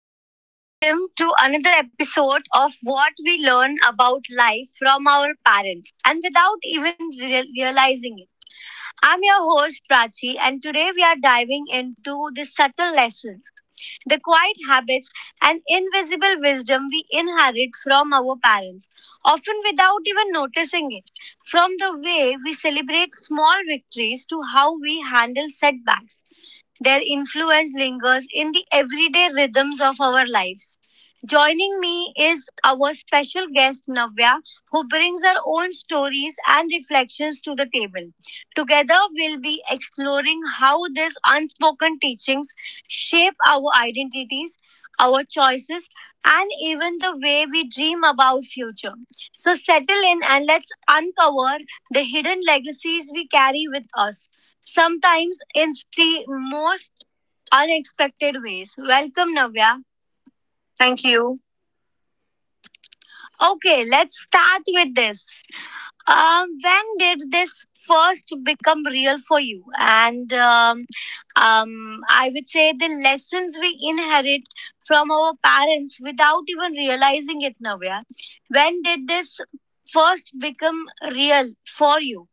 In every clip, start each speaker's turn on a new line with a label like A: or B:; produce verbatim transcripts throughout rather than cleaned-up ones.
A: Hello and welcome to another episode of what we learn about life from our parents and without even real- realizing it. I'm your host Prachi and today we are diving into the subtle lessons, the quiet habits, and invisible wisdom we inherit from our parents, often without even noticing it. From the way we celebrate small victories to how we handle setbacks. Their influence lingers in the everyday rhythms of our lives. Joining me is our special guest Navya, who brings her own stories and reflections to the table. Together, we'll be exploring how these unspoken teachings shape our identities, our choices, and even the way we dream about future. So settle in and let's uncover the hidden legacies we carry with us, sometimes in the most unexpected ways. Welcome, Navya. Thank you. Okay, let's start with this. Um, when did this first become real for you? And um, um, I would say the lessons we inherit from our parents without even realizing it, Navya. When did this first become real for you?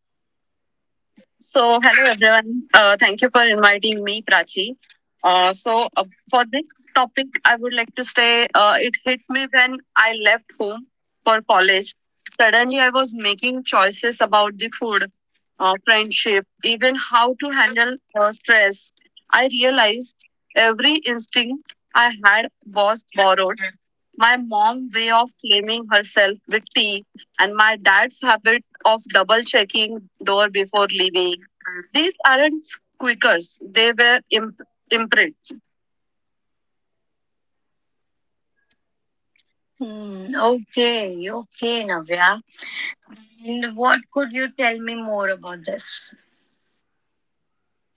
A: So, hello everyone. Uh, thank you for inviting me, Prachi. Uh, so, uh, for this topic, I would like to say, uh, it hit me when I left home for college. Suddenly, I was making choices about the food, uh, friendship, even how to handle uh, stress. I realized every instinct I had was borrowed, my mom way of claiming herself with tea and my dad's habit of double checking door before leaving. These aren't squeakers, they were imp- imprints. Hmm, okay, okay, Navya. And what could you tell me more about this?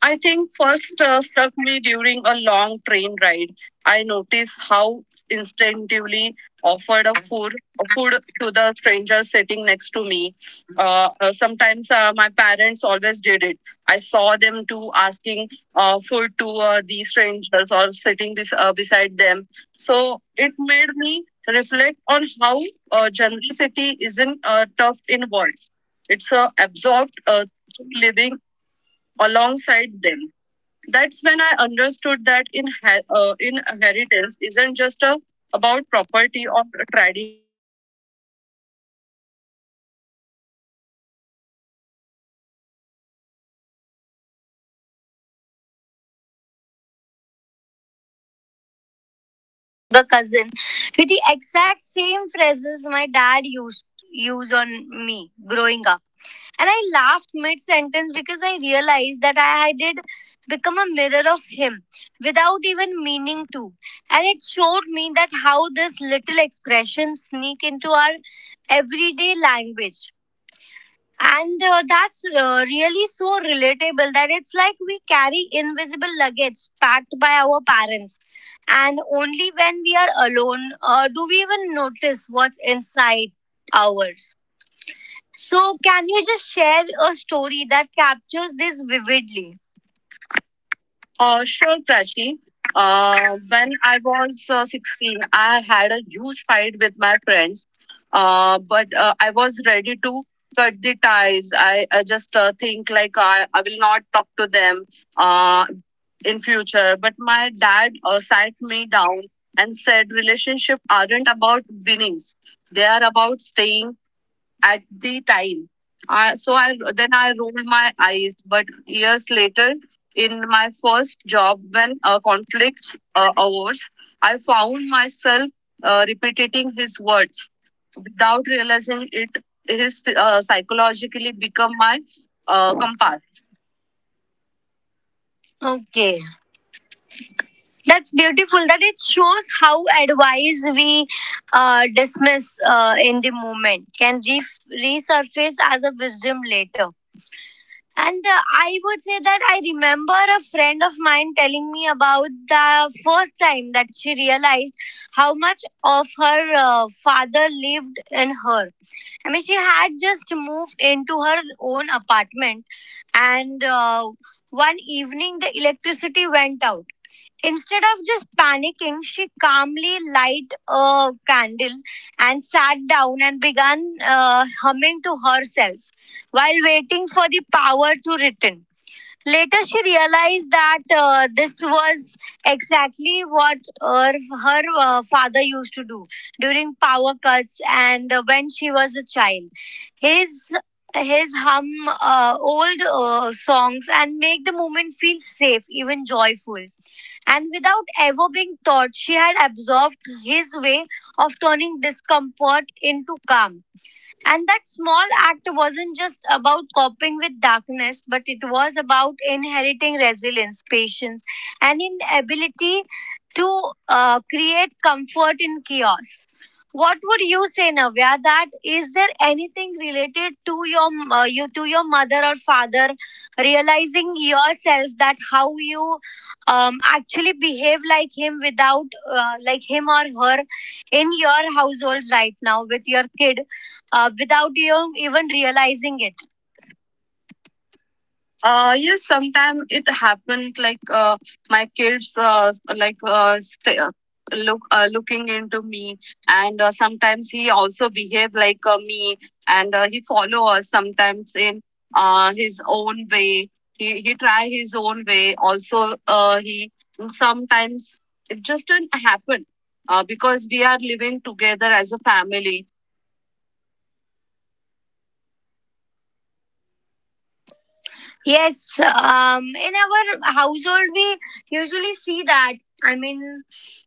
A: I think first uh, struck me during a long train ride. I noticed how instinctively offered a food, a food to the stranger sitting next to me. Uh, uh, sometimes uh, my parents always did it. I saw them too asking uh, food to uh, these strangers or sitting bes- uh, beside them. So it made me reflect on how uh, generosity isn't uh, tough in words. It's uh, absorbed, uh, living alongside them. That's when I understood that in he- uh, in inheritance isn't just a, about property or tradition.
B: Cousin with the exact same phrases my dad used use on me growing up. And I laughed mid sentence because I realized that I did become a mirror of him without even meaning to. And it showed me that how this little expression sneak into our everyday language and uh, that's uh, really so relatable that it's like we carry invisible luggage packed by our parents. And only when we are alone uh, do we even notice what's inside ours. So, can you just share a story that captures this vividly? Uh, sure, Prachi. Uh, when I was uh, sixteen, I had a huge fight with my friends, uh, but uh, I was ready to cut the ties. I, I just uh, think like I, I will not talk to them uh, in future. But my dad uh, sat me down and said relationship aren't about winnings. They are about staying at the time. Uh, so I then I rolled my eyes, but years later, in my first job, when uh, conflicts uh, arose, I found myself uh, repeating his words without realizing it. His uh, psychologically become my uh, compass. Okay, that's beautiful. That it shows how advice we uh, dismiss uh, in the moment can re- resurface as a wisdom later. And uh, I would say that I remember a friend of mine telling me about the first time that she realized how much of her uh, father lived in her. I mean, she had just moved into her own apartment, and uh, one evening the electricity went out. Instead of just panicking, she calmly light a candle and sat down and began uh, humming to herself while waiting for the power to return. Later, she realized that uh, this was exactly what her, her uh, father used to do during power cuts and uh, when she was a child. His his hum uh, old uh, songs and make the moment feel safe, even joyful. And without ever being taught, she had absorbed his way of turning discomfort into calm. And that small act wasn't just about coping with darkness, but it was about inheriting resilience, patience, and an ability to uh, create comfort in chaos. What would you say, Navya? That is there anything related to your uh, you to your mother or father realizing yourself that how you um, actually behave like him without uh, like him or her in your household right now with your kid uh, without you even realizing it? Uh, yes, sometimes it happened. Like uh, my kids, uh, like uh, st- uh, look uh, looking into me, and uh, sometimes he also behave like uh, me, and uh, he follow us sometimes in uh, his own way. He he try his own way. Also, uh, he sometimes it just didn't happen. Uh, because we are living together as a family, yes, um, in our household we usually see that. I mean,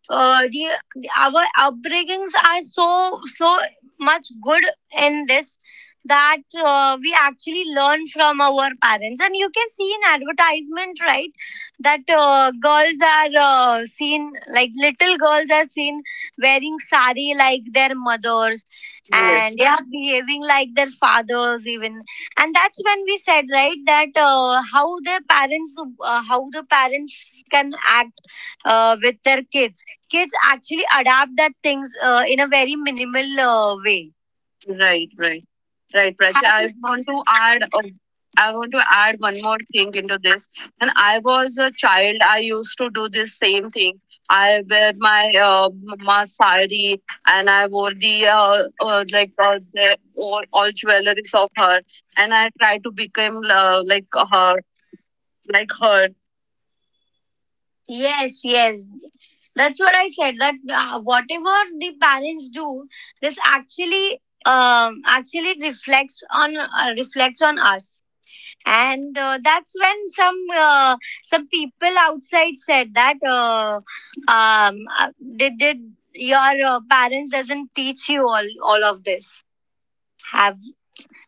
B: uh, the our upbringings are so so much good in this that uh, we actually learn from our parents, and you can see in advertisement, right, that uh, girls are uh, seen like little girls are seen wearing sari like their mothers, yes, and they are behaving like their fathers even, and that's when we said right that uh, how their parents uh, how the parents can act uh, with their kids, kids actually adapt that things uh, in a very minimal uh, way. Right, right, right, Prasha. I want to add. uh, I want to add one more thing into this. When I was a child, I used to do this same thing. I wear my uh, mama sari and I wore the uh, uh, like uh, the all, all jewelries of her, and I try to become uh, like her, like her. Yes, yes. That's what I said. That uh, whatever the parents do, this actually um, actually reflects on uh, reflects on us. And uh, that's when some uh, some people outside said that uh, um, uh, did did your uh, parents doesn't teach you all all of this? Have,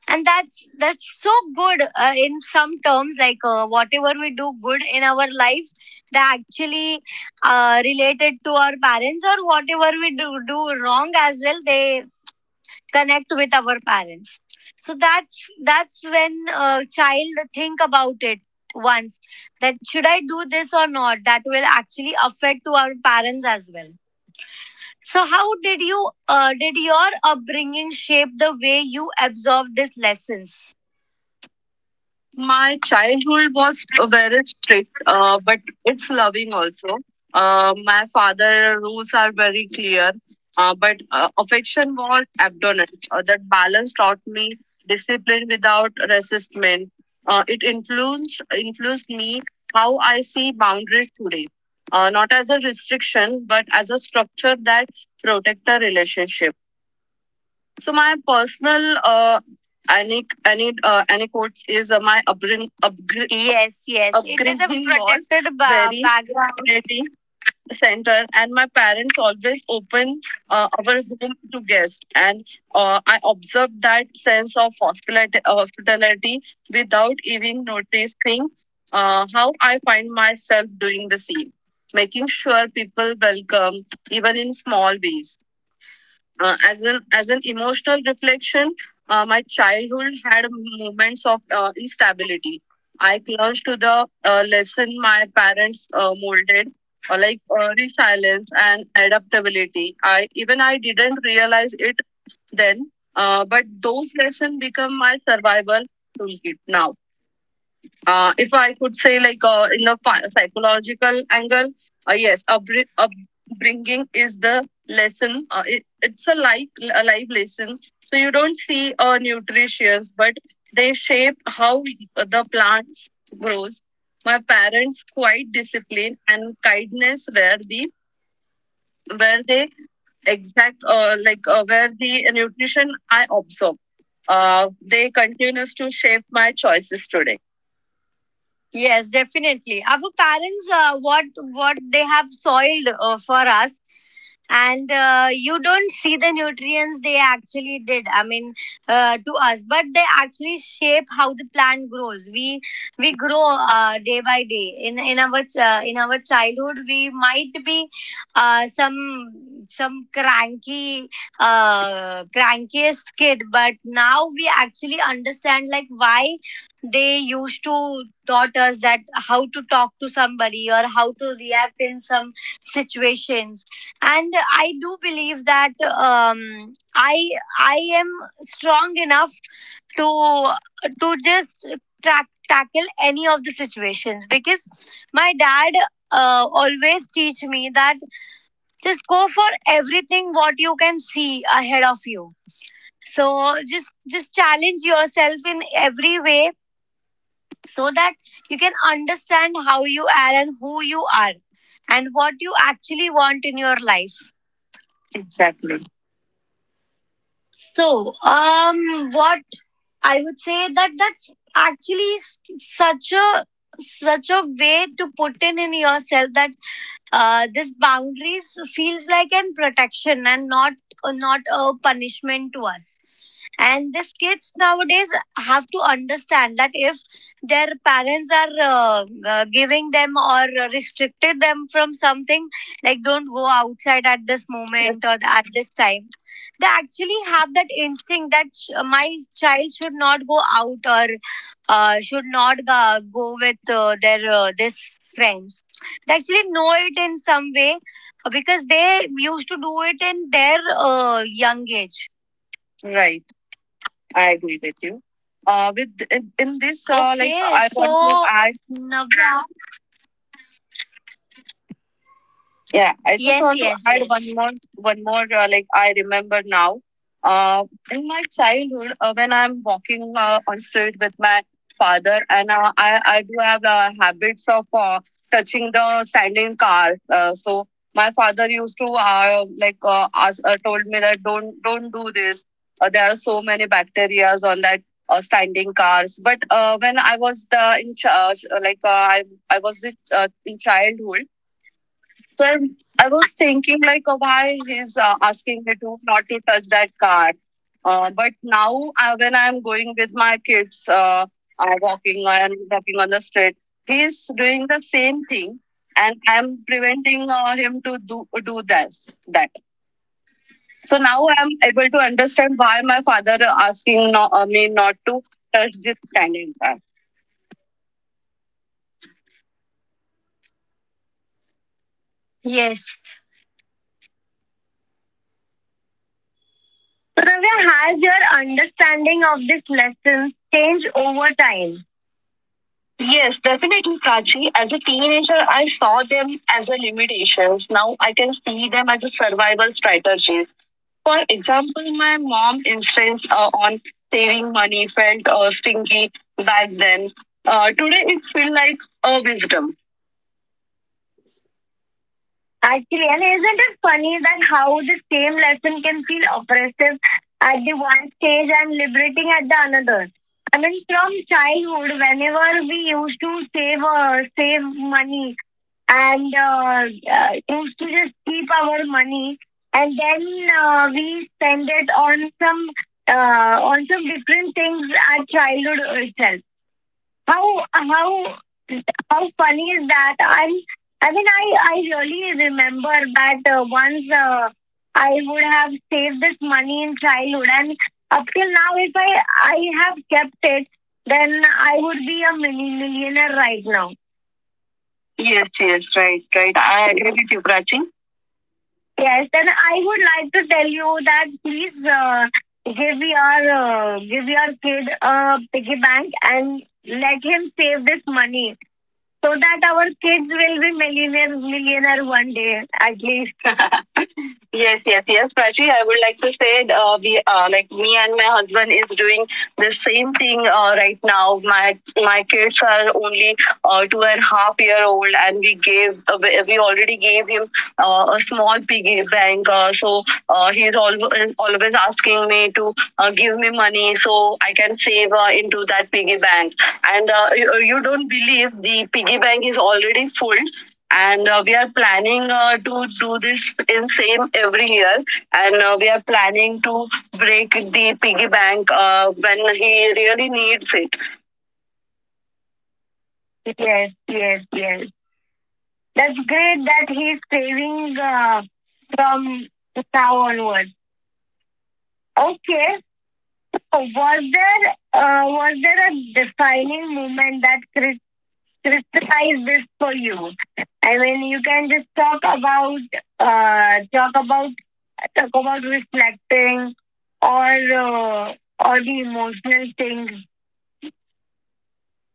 B: and that's that's so good uh, in some terms like uh, whatever we do good in our life that actually uh, related to our parents or whatever we do do wrong as well, they connect with our parents. So that's that's when a child think about it once that should I do this or not, that will actually affect to our parents as well. So how did you uh, did your upbringing shape the way you absorb these lessons? My childhood was very strict, uh, but it's loving also. Uh, my father rules are very clear, uh, but uh, affection was abundant. Uh, that balance taught me discipline without resistment. Uh, it influenced influenced me how I see boundaries today, uh, not as a restriction, but as a structure that protect a relationship. So my personal uh, anec- ane- uh, anecdotes is uh, my upbringing. Upgr- yes, yes. It is a upbringing was protected ba- very background community center, and my parents always open uh, our home to guests, and uh, I observed that sense of hospitality, hospitality without even noticing uh, how I find myself doing the same, making sure people welcome even in small ways uh, as an as an emotional reflection. Uh, my childhood had moments of uh, instability. I clung to the uh, lesson my parents uh, molded, uh, like uh, resilience and adaptability. I, even I didn't realize it then, uh, but those lessons become my survival toolkit now. Uh, if I could say, like uh, in a phy- psychological angle, uh, yes, upbr- upbringing is the lesson. Uh, it, it's a life, a life lesson. So you don't see uh, nutritions, but they shape how the plant grows. My parents quite discipline and kindness were the where they exact uh, like uh, where the nutrition I absorb. Uh, they continues to shape my choices today. Yes, definitely. Our parents, uh, what what they have soiled uh, for us, and uh, you don't see the nutrients they actually did, I mean uh, to us, but they actually shape how the plant grows. we we grow uh, day by day in in our ch- uh, in our childhood we might be uh, some some cranky uh, crankiest kid, but now we actually understand like why they used to taught us that, how to talk to somebody or how to react in some situations. And I do believe that um i i am strong enough to to just track, tackle any of the situations, because my dad uh, always teach me that just go for everything what you can see ahead of you. So just just challenge yourself in every way so that you can understand how you are and who you are and what you actually want in your life. Exactly. So, um, what I would say that that's actually s- such a such a way to put in in yourself that uh, this boundaries feels like an protection and not uh, not a punishment to us. And these kids nowadays have to understand that if their parents are uh, uh, giving them or restricted them from something, like don't go outside at this moment or at this time, they actually have that instinct that sh- my child should not go out or uh, should not go, go with uh, their uh, this friends. They actually know it in some way uh, because they used to do it in their uh, young age, right? I agree with you. Uh, with in in this, uh, like Okay, I so want to so add. Navya, yeah, I just, yes, want to, yes, add one, yes, more, one more. Uh, like I remember now, uh, in my childhood, uh, when I'm walking uh, on street with my father, and uh, I I do have uh, habits of uh, touching the standing car. Uh, so my father used to uh, like uh, ask, uh, told me that don't don't do this. Uh, there are so many bacteria on that. Uh, standing cars, but uh, when I was the in charge, uh, like uh, I I was the, uh, in childhood, so I, I was thinking like, uh, why he's uh, asking me to not to touch that card. Uh, but now uh, when I'm going with my kids, uh, uh, walking and walking on the street, he's doing the same thing, and I'm preventing uh, him to do do that. That. So now I'm able to understand why my father asking no, uh, me not to touch this standing card. Yes. So Navya, has your understanding of this lesson changed over time? Yes, definitely, Prachi. As a teenager, I saw them as a limitations. Now I can see them as a survival strategies. For example, my mom insisted uh, on saving money felt uh, stingy back then. Uh, today, it feels like a wisdom. Uh, I think I up there now. Yes, yes, right, right. I agree with you, Prachi. Give your uh, give your kid a piggy bank and let him save this money, so that our kids will be millionaires, millionaire one day at least. Yes, yes, yes, Prachi. I would like to say uh, we uh, like me and my husband is doing the same thing uh, right now. My my kids are only uh, two and a half year old, and we gave uh, we we already gave him uh, a small piggy bank. Uh, so uh, he's always always asking me to uh, give me money so I can save uh, into that piggy bank. And uh, you, you don't believe the piggy bank is already full, and uh, we are planning uh, to do this in same every year, and uh, we are planning to break the piggy bank uh, when he really needs it. Yes, yes, yes. That's great that he's saving uh, from now onwards. Okay. So, Was there uh, was there a defining moment that crystallized this for you? I mean, you can just talk about uh, talk about talk about reflecting or uh, or the emotional things.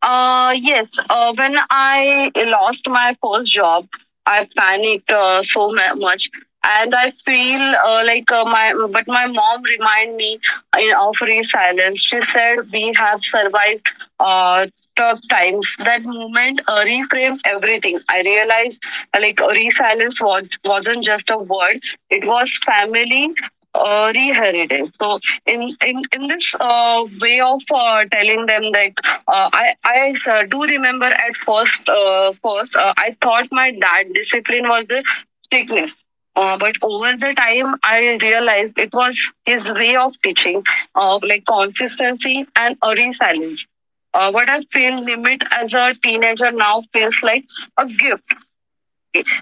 B: uh, Yes, uh, when I lost my first job, I panicked uh, so mu- much. And I feel uh, like uh, my, but my mom remind me uh, of resilience. She said we have survived uh, tough times. That moment uh, reframed everything. I realized uh, like uh, resilience was wasn't just a word; it was family, uh, reheritage. So in in in this uh, way of uh, telling them that uh, I I uh, do remember at first uh, first uh, I thought my dad discipline was the strictness, uh, but over the time I realized it was his way of teaching, uh, like consistency and a resilience. Uh, what I feel limit as a teenager now feels like a gift,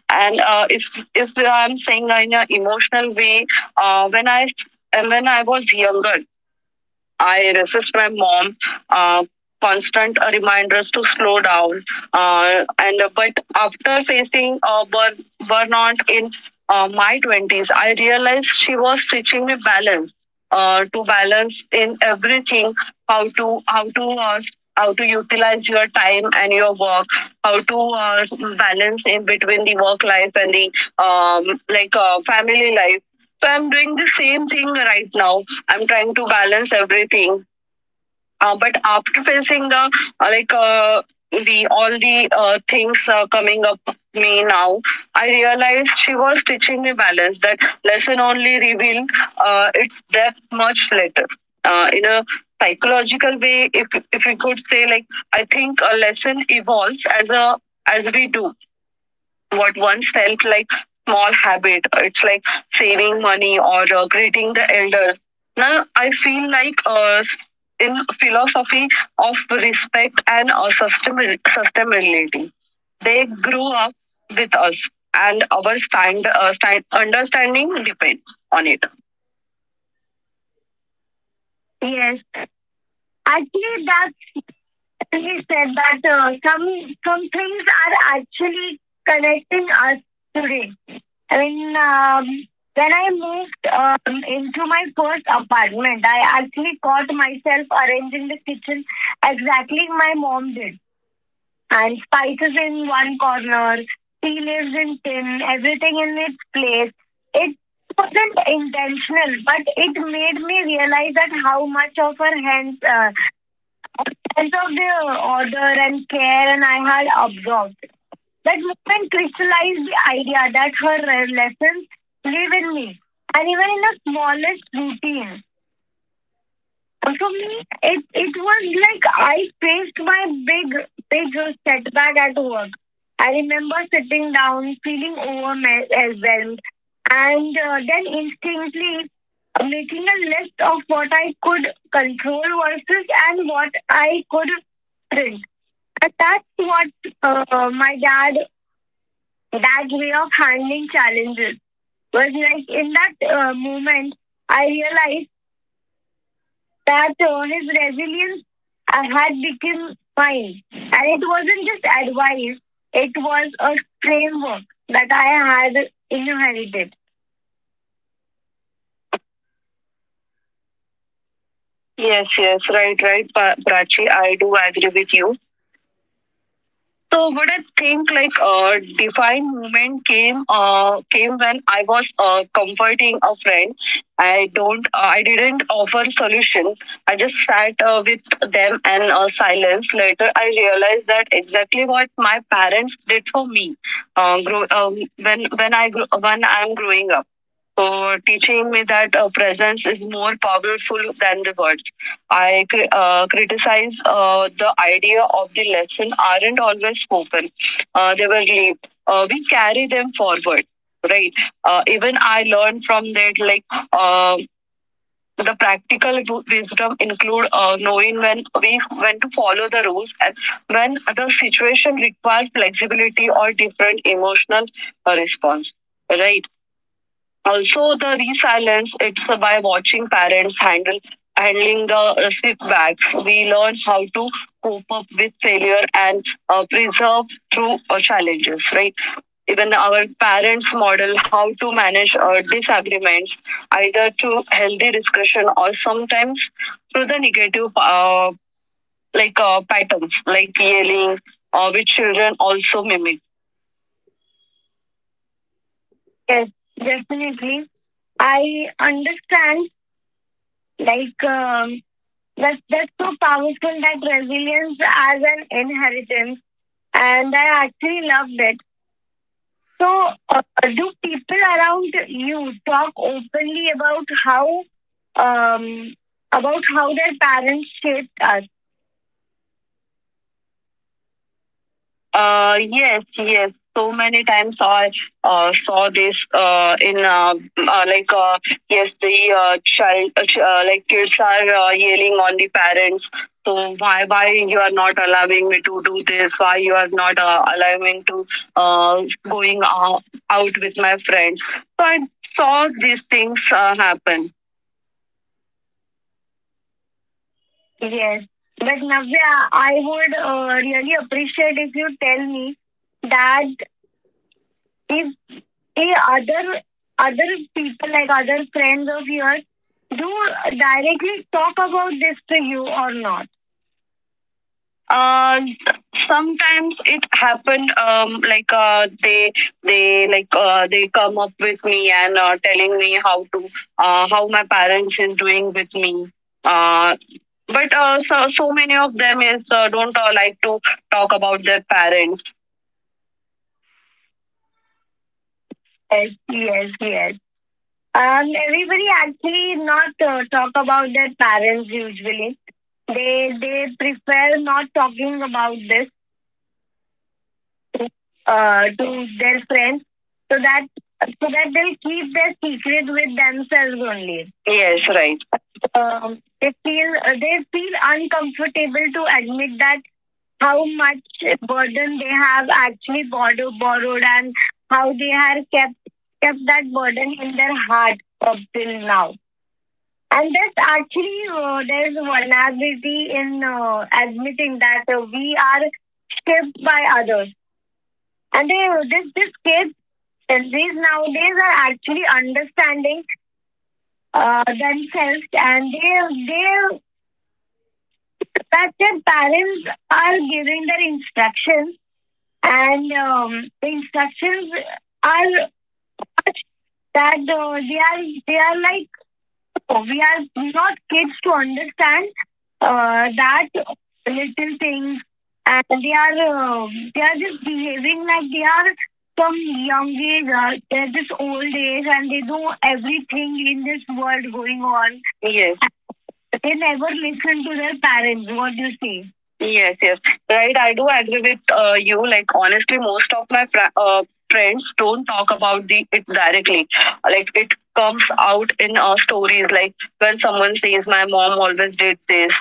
B: and uh, if if I'm saying in an emotional way, uh, when I and when I was younger, I resist my mom. Uh, Constant uh, reminders to slow down uh, and uh, but after facing uh, burn, burnout in uh, my twenties. I realized she was teaching me balance, uh, to balance in everything, how to how to uh, how to utilize your time and your work, how to uh, balance in between the work life and the um, like uh, family life. So I'm doing the same thing right now. I'm trying to balance everything. Uh, but after facing the uh, like uh, the all the uh, things uh, coming up me now, I realized she was teaching me balance. That lesson only revealed uh, its depth much later. Uh, in a psychological way, if if we could say like, I think a lesson evolves as a as we do what once felt like small habit. It's like saving money or uh, greeting the elders. Now I feel like uh, in philosophy of respect and uh, sustainab- sustainability, they grew up with us, and our stand, uh, stand understanding depends on it. Yes. Actually, that he said that uh, something actually connecting us today. I mean, um, when I moved um, into my first apartment, I actually caught myself arranging the kitchen exactly my mom did. And spices in one corner, tea leaves in tin, everything in its place. It wasn't intentional, but it made me realize that how much of her hands, uh, hands of the order and care and I had absorbed. That moment crystallized the idea that her lessons live in me. And even in the smallest routine. And for me, it, it was like I faced my big, big setback at work. I remember sitting down, feeling overwhelmed, and uh, then instinctively making a list of what I could control versus and what I could print. And that's what uh, my dad that way of handling challenges was like in that uh, moment I realized that uh, his resilience uh, had become mine, and it wasn't just advice; it was a framework that I had inherited. Yes, yes, right, right, Prachi. I do agree with you. So what I think like uh, define moment came uh, came when I was uh, comforting a friend. I don't uh, I didn't offer solutions. I just sat uh, with them and uh, silence. Later I realized that exactly what my parents did for me uh, grow, um, when when I gr- when I'm growing up. So teaching me that uh, presence is more powerful than the words. I cri- uh, criticize uh, the idea of the lesson aren't always spoken. Uh, they were late. Uh, we carry them forward, right? Uh, even I learned from that, like uh, the practical wisdom include uh, knowing when we when to follow the rules and when the situation requires flexibility or different emotional uh, response, right? Also, the resilience it's uh, by watching parents handle handling the uh, setbacks. We learn how to cope up with failure and uh, preserve through uh, challenges. Right? Even our parents model how to manage uh, disagreements, either through healthy discussion or sometimes through the negative uh, like uh, patterns, like yelling, uh, which children also mimic. Yes, definitely. I understand like um, That's, that's so powerful that resilience as an inheritance. And I actually loved it. So, uh, do people around you talk openly about how um, about how their parents shaped us? Uh, yes, yes. So many times I uh, saw this uh, in uh, uh, like uh, yes, the uh, child uh, ch- uh, like kids are uh, yelling on the parents. So why why you are not allowing me to do this? Why you are not uh, allowing to uh, going out, out with my friends? So I saw these things uh, happen. Yes. But Navya, I would uh, really appreciate if you tell me that if hey, other other people like other friends of yours do directly talk about this to you or not? Uh, Sometimes it happened um, like uh, they they like uh, they come up with me and uh, telling me how to uh, how my parents is doing with me, uh, but uh, so, so many of them is uh, don't uh, like to talk about their parents. Yes, yes, yes. Um, everybody actually not uh, talk about their parents usually. They they prefer not talking about this to, uh, to their friends, so that so that they'll keep their secret with themselves only. Yes, right. Um, they feel uh, they feel uncomfortable to admit that how much burden they have actually borrowed, borrowed, and how they have kept kept that burden in their heart up till now. And there's actually uh, there's vulnerability in uh, admitting that uh, we are shaped by others, and they, this this kids these nowadays are actually understanding uh, themselves, and they they that their parents are giving their instructions, and um, the instructions are that uh, they are they are like no, we are not kids to understand uh, that little things, and they are uh, they are just behaving like they are from young age. Uh, they're just old age, and they know everything in this world going on. Yes. They never listen to their parents. What do you see? Yes, yes. Right, I do agree with uh, you. Like, honestly, most of my fr- uh, friends don't talk about the it directly. Like, it comes out in uh, stories. Like, when someone says, "My mom always did this,"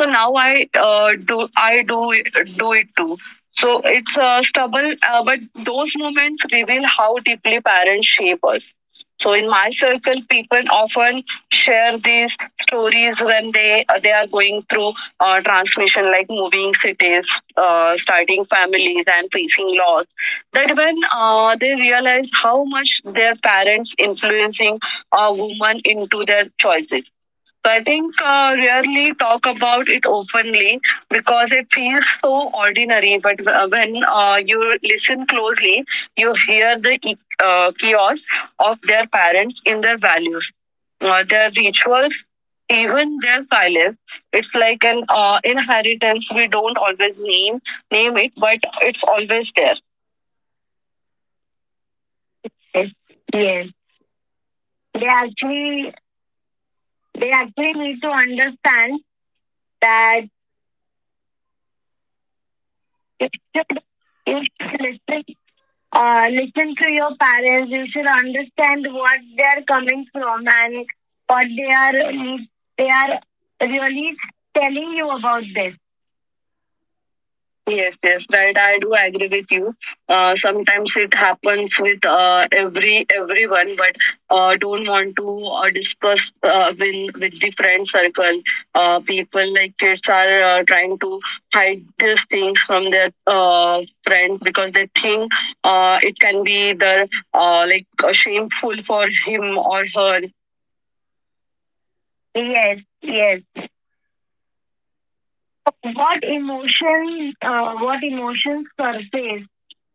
B: so now I uh, do I do it, do it too. So it's uh, stubborn, uh, but those moments reveal how deeply parents shape us. So in my circle, people often share these stories when they uh, they are going through uh, transmission like moving cities, uh, starting families and facing loss, that when uh, they realize how much their parents influencing a woman into their choices. So I think uh, rarely talk about it openly because it feels so ordinary. But uh, when uh, you listen closely, you hear the e- uh, chaos of their parents in their values, uh, their rituals, even their silence. It's like an uh, inheritance. We don't always name name it, but it's always there. Yes, yes. They actually they actually need to understand that you should, you should listen, uh, listen to your parents. You should understand what they are coming from and what they are they are really telling you about this. Yes, yes, right. I do agree with you. Uh, sometimes it happens with uh, every everyone, but uh, don't want to uh, discuss uh, with with the friend circle. Uh, people like kids are uh, trying to hide these things from their uh, friends because they think uh, it can be either uh, like uh, shameful for him or her. Yes, yes. What emotion? Uh, what emotions surface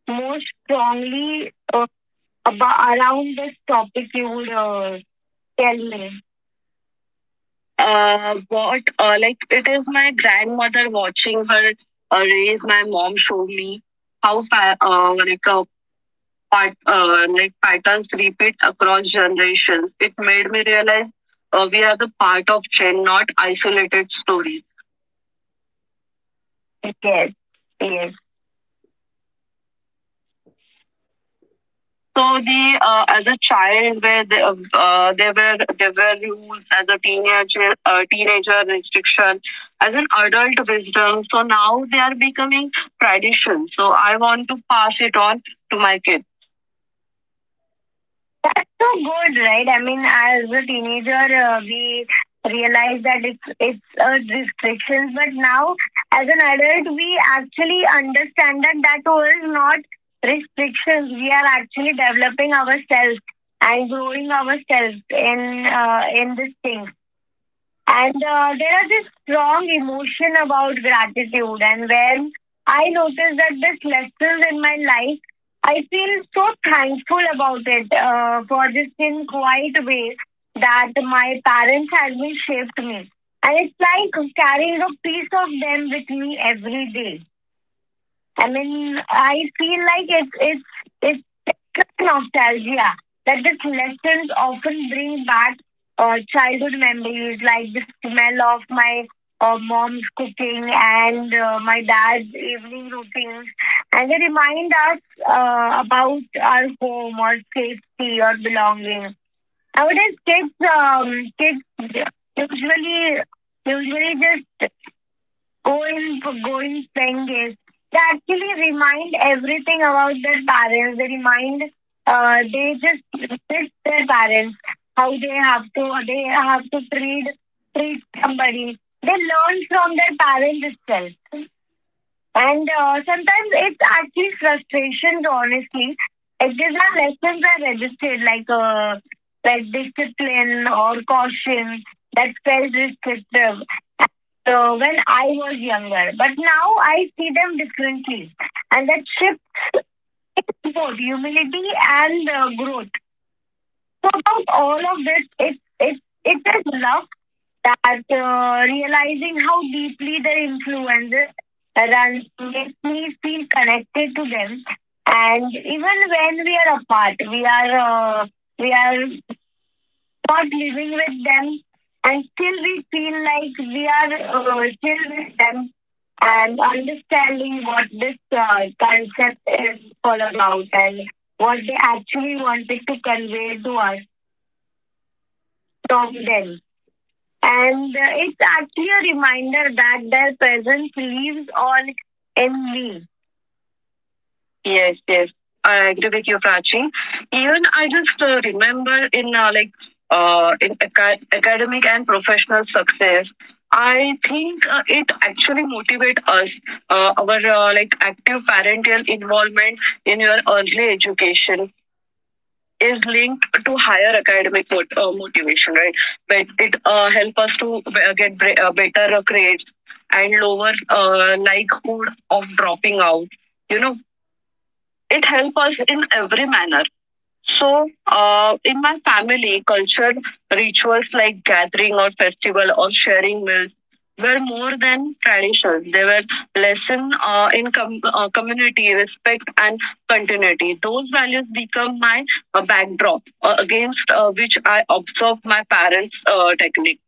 B: more strongly uh, about around this topic you would uh, tell me? Uh, what uh, like it is my grandmother watching her uh, raise my mom show me how fa- uh, like a part uh, like patterns repeat across generations. It made me realize uh, we are the part of chain, not isolated stories. Yes, yes. So the uh, as a child, where they, uh, there were there were rules. As a teenager, uh, teenager restriction, as an adult wisdom. So now they are becoming tradition. So I want to pass it on to my kids. That's so good, right? I mean, as a teenager, uh, we realize that it's it's a restriction, but now as an adult, we actually understand that that was not restrictions. We are actually developing ourselves and growing ourselves in uh, in this thing. And uh, there are this strong emotion about gratitude, and when I notice that this lessons in my life, I feel so thankful about it uh, for this in quiet way that my parents had been shaped me, and it's like carrying a piece of them with me every day. I mean, I feel like it's it's it's nostalgia that these lessons often bring back uh, childhood memories, like the smell of my uh, mom's cooking and uh, my dad's evening routines, and they remind us uh, about our home or safety or belonging. Nowadays, kids um, kids usually usually just going going playing games. They actually remind everything about their parents. They remind uh, they just treat their parents how they have to they have to treat treat somebody. They learn from their parents itself. And uh, sometimes it's actually frustrations, honestly. It is there's not lessons are registered, like uh, like discipline or caution, that felt restrictive. So when I was younger, but now I see them differently, and that shift is both humility and uh, growth. So about all of this, it it it is love that uh, realizing how deeply their influences runs makes me feel connected to them. And even when we are apart, we are uh, we are not living with them, and still we feel like we are uh, still with them and understanding what this uh, concept is all about and what they actually wanted to convey to us from them. And uh, it's actually a reminder that their presence leaves all in me. Yes, yes. I agree with you, Prachi. Even I just uh, remember in uh, like uh, in aca- academic and professional success, I think uh, it actually motivates us. Uh, our uh, like active parental involvement in your early education is linked to higher academic mot- uh, motivation, right? But it uh, help us to be- get uh, better grades and lower uh, likelihood of dropping out. You know, it help us in every manner. So, uh, in my family, culture rituals like gathering or festival or sharing meals were more than traditions. They were lesson uh, in com- uh, community, respect, and continuity. Those values become my uh, backdrop uh, against uh, which I observe my parents' uh, technique.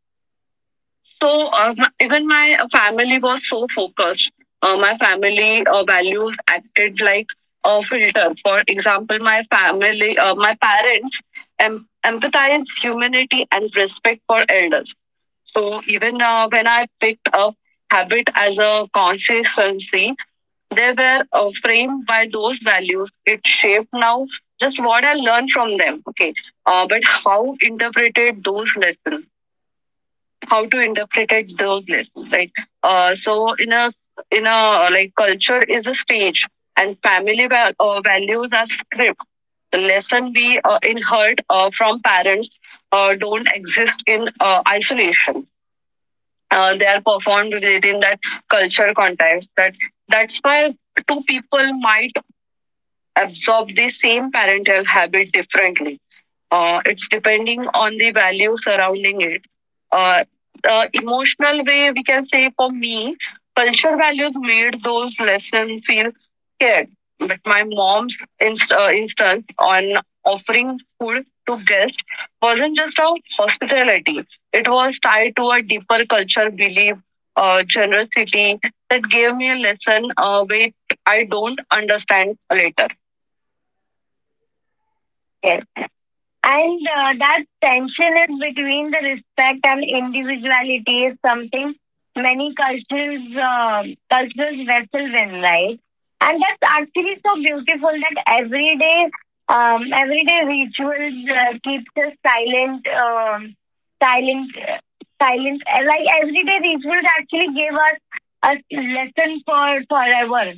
B: So uh, my- even my family was so focused. Uh, my family uh, values acted like a filter. For example, my family, uh, my parents em- empathize humanity and respect for elders. So even uh, when I picked up habit as a consistency, they were uh, framed by those values. It shaped now just what I learned from them. Okay, uh, but how interpreted those lessons? How to interpret those lists, right? Uh, so in a in a uh, like culture is a stage, and family val- uh, values are script. The lesson we uh, inherit uh, from parents uh, don't exist in uh, isolation. Uh, they are performed within that culture context. That that's why two people might absorb the same parental habit differently, uh, it's depending on the value surrounding it. Uh, the emotional way we can say, for me, culture values made those lessons feel scared. But my mom's inst- uh, instance on offering food to guests wasn't just of hospitality. It was tied to a deeper culture belief, uh, generosity that gave me a lesson uh, which I don't understand later. Yes. And uh, that tension is between the respect and individuality is something many cultures uh, cultures wrestle with, right? And that's actually so beautiful that every day, um, everyday rituals uh, keeps us silent, um, silent, silent. uh, Like everyday rituals actually gave us a lesson for forever.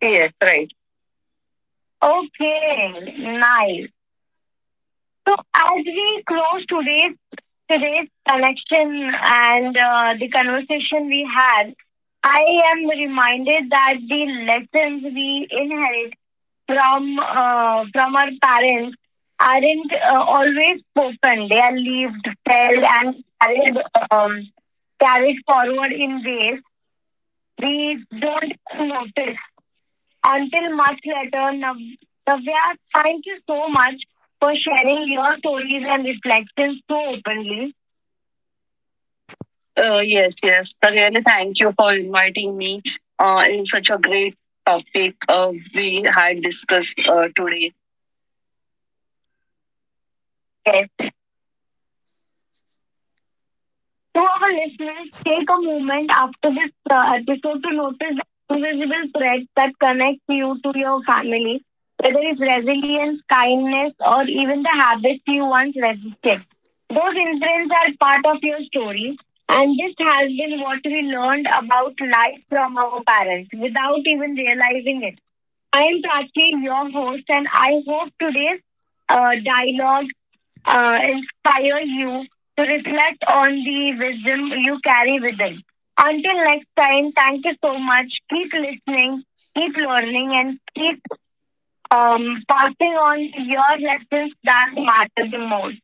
B: Yes, right. Okay, nice. So as we close today's today's connection and uh, the conversation we had, I am reminded that the lessons we inherit from uh, from our parents aren't uh, always spoken. They are lived, felt, and carried um, carried forward in ways we don't notice until much later. Nav- Navya, thank you so much for sharing your stories and reflections so openly. Uh, yes, yes. Really, thank you for inviting me uh, in such a great topic uh, we had discussed uh, today. Yes. To our listeners, take a moment after this uh, episode to notice the invisible threads that connect you to your family, whether it's resilience, kindness, or even the habits you once resisted. Those imprints are part of your story, and this has been what we learned about life from our parents without even realizing it. I am Prachi, your host, and I hope today's uh, dialogue uh, inspire you to reflect on the wisdom you carry within. Until next time, thank you so much. Keep listening, keep learning, and keep um, passing on your lessons that matter the most.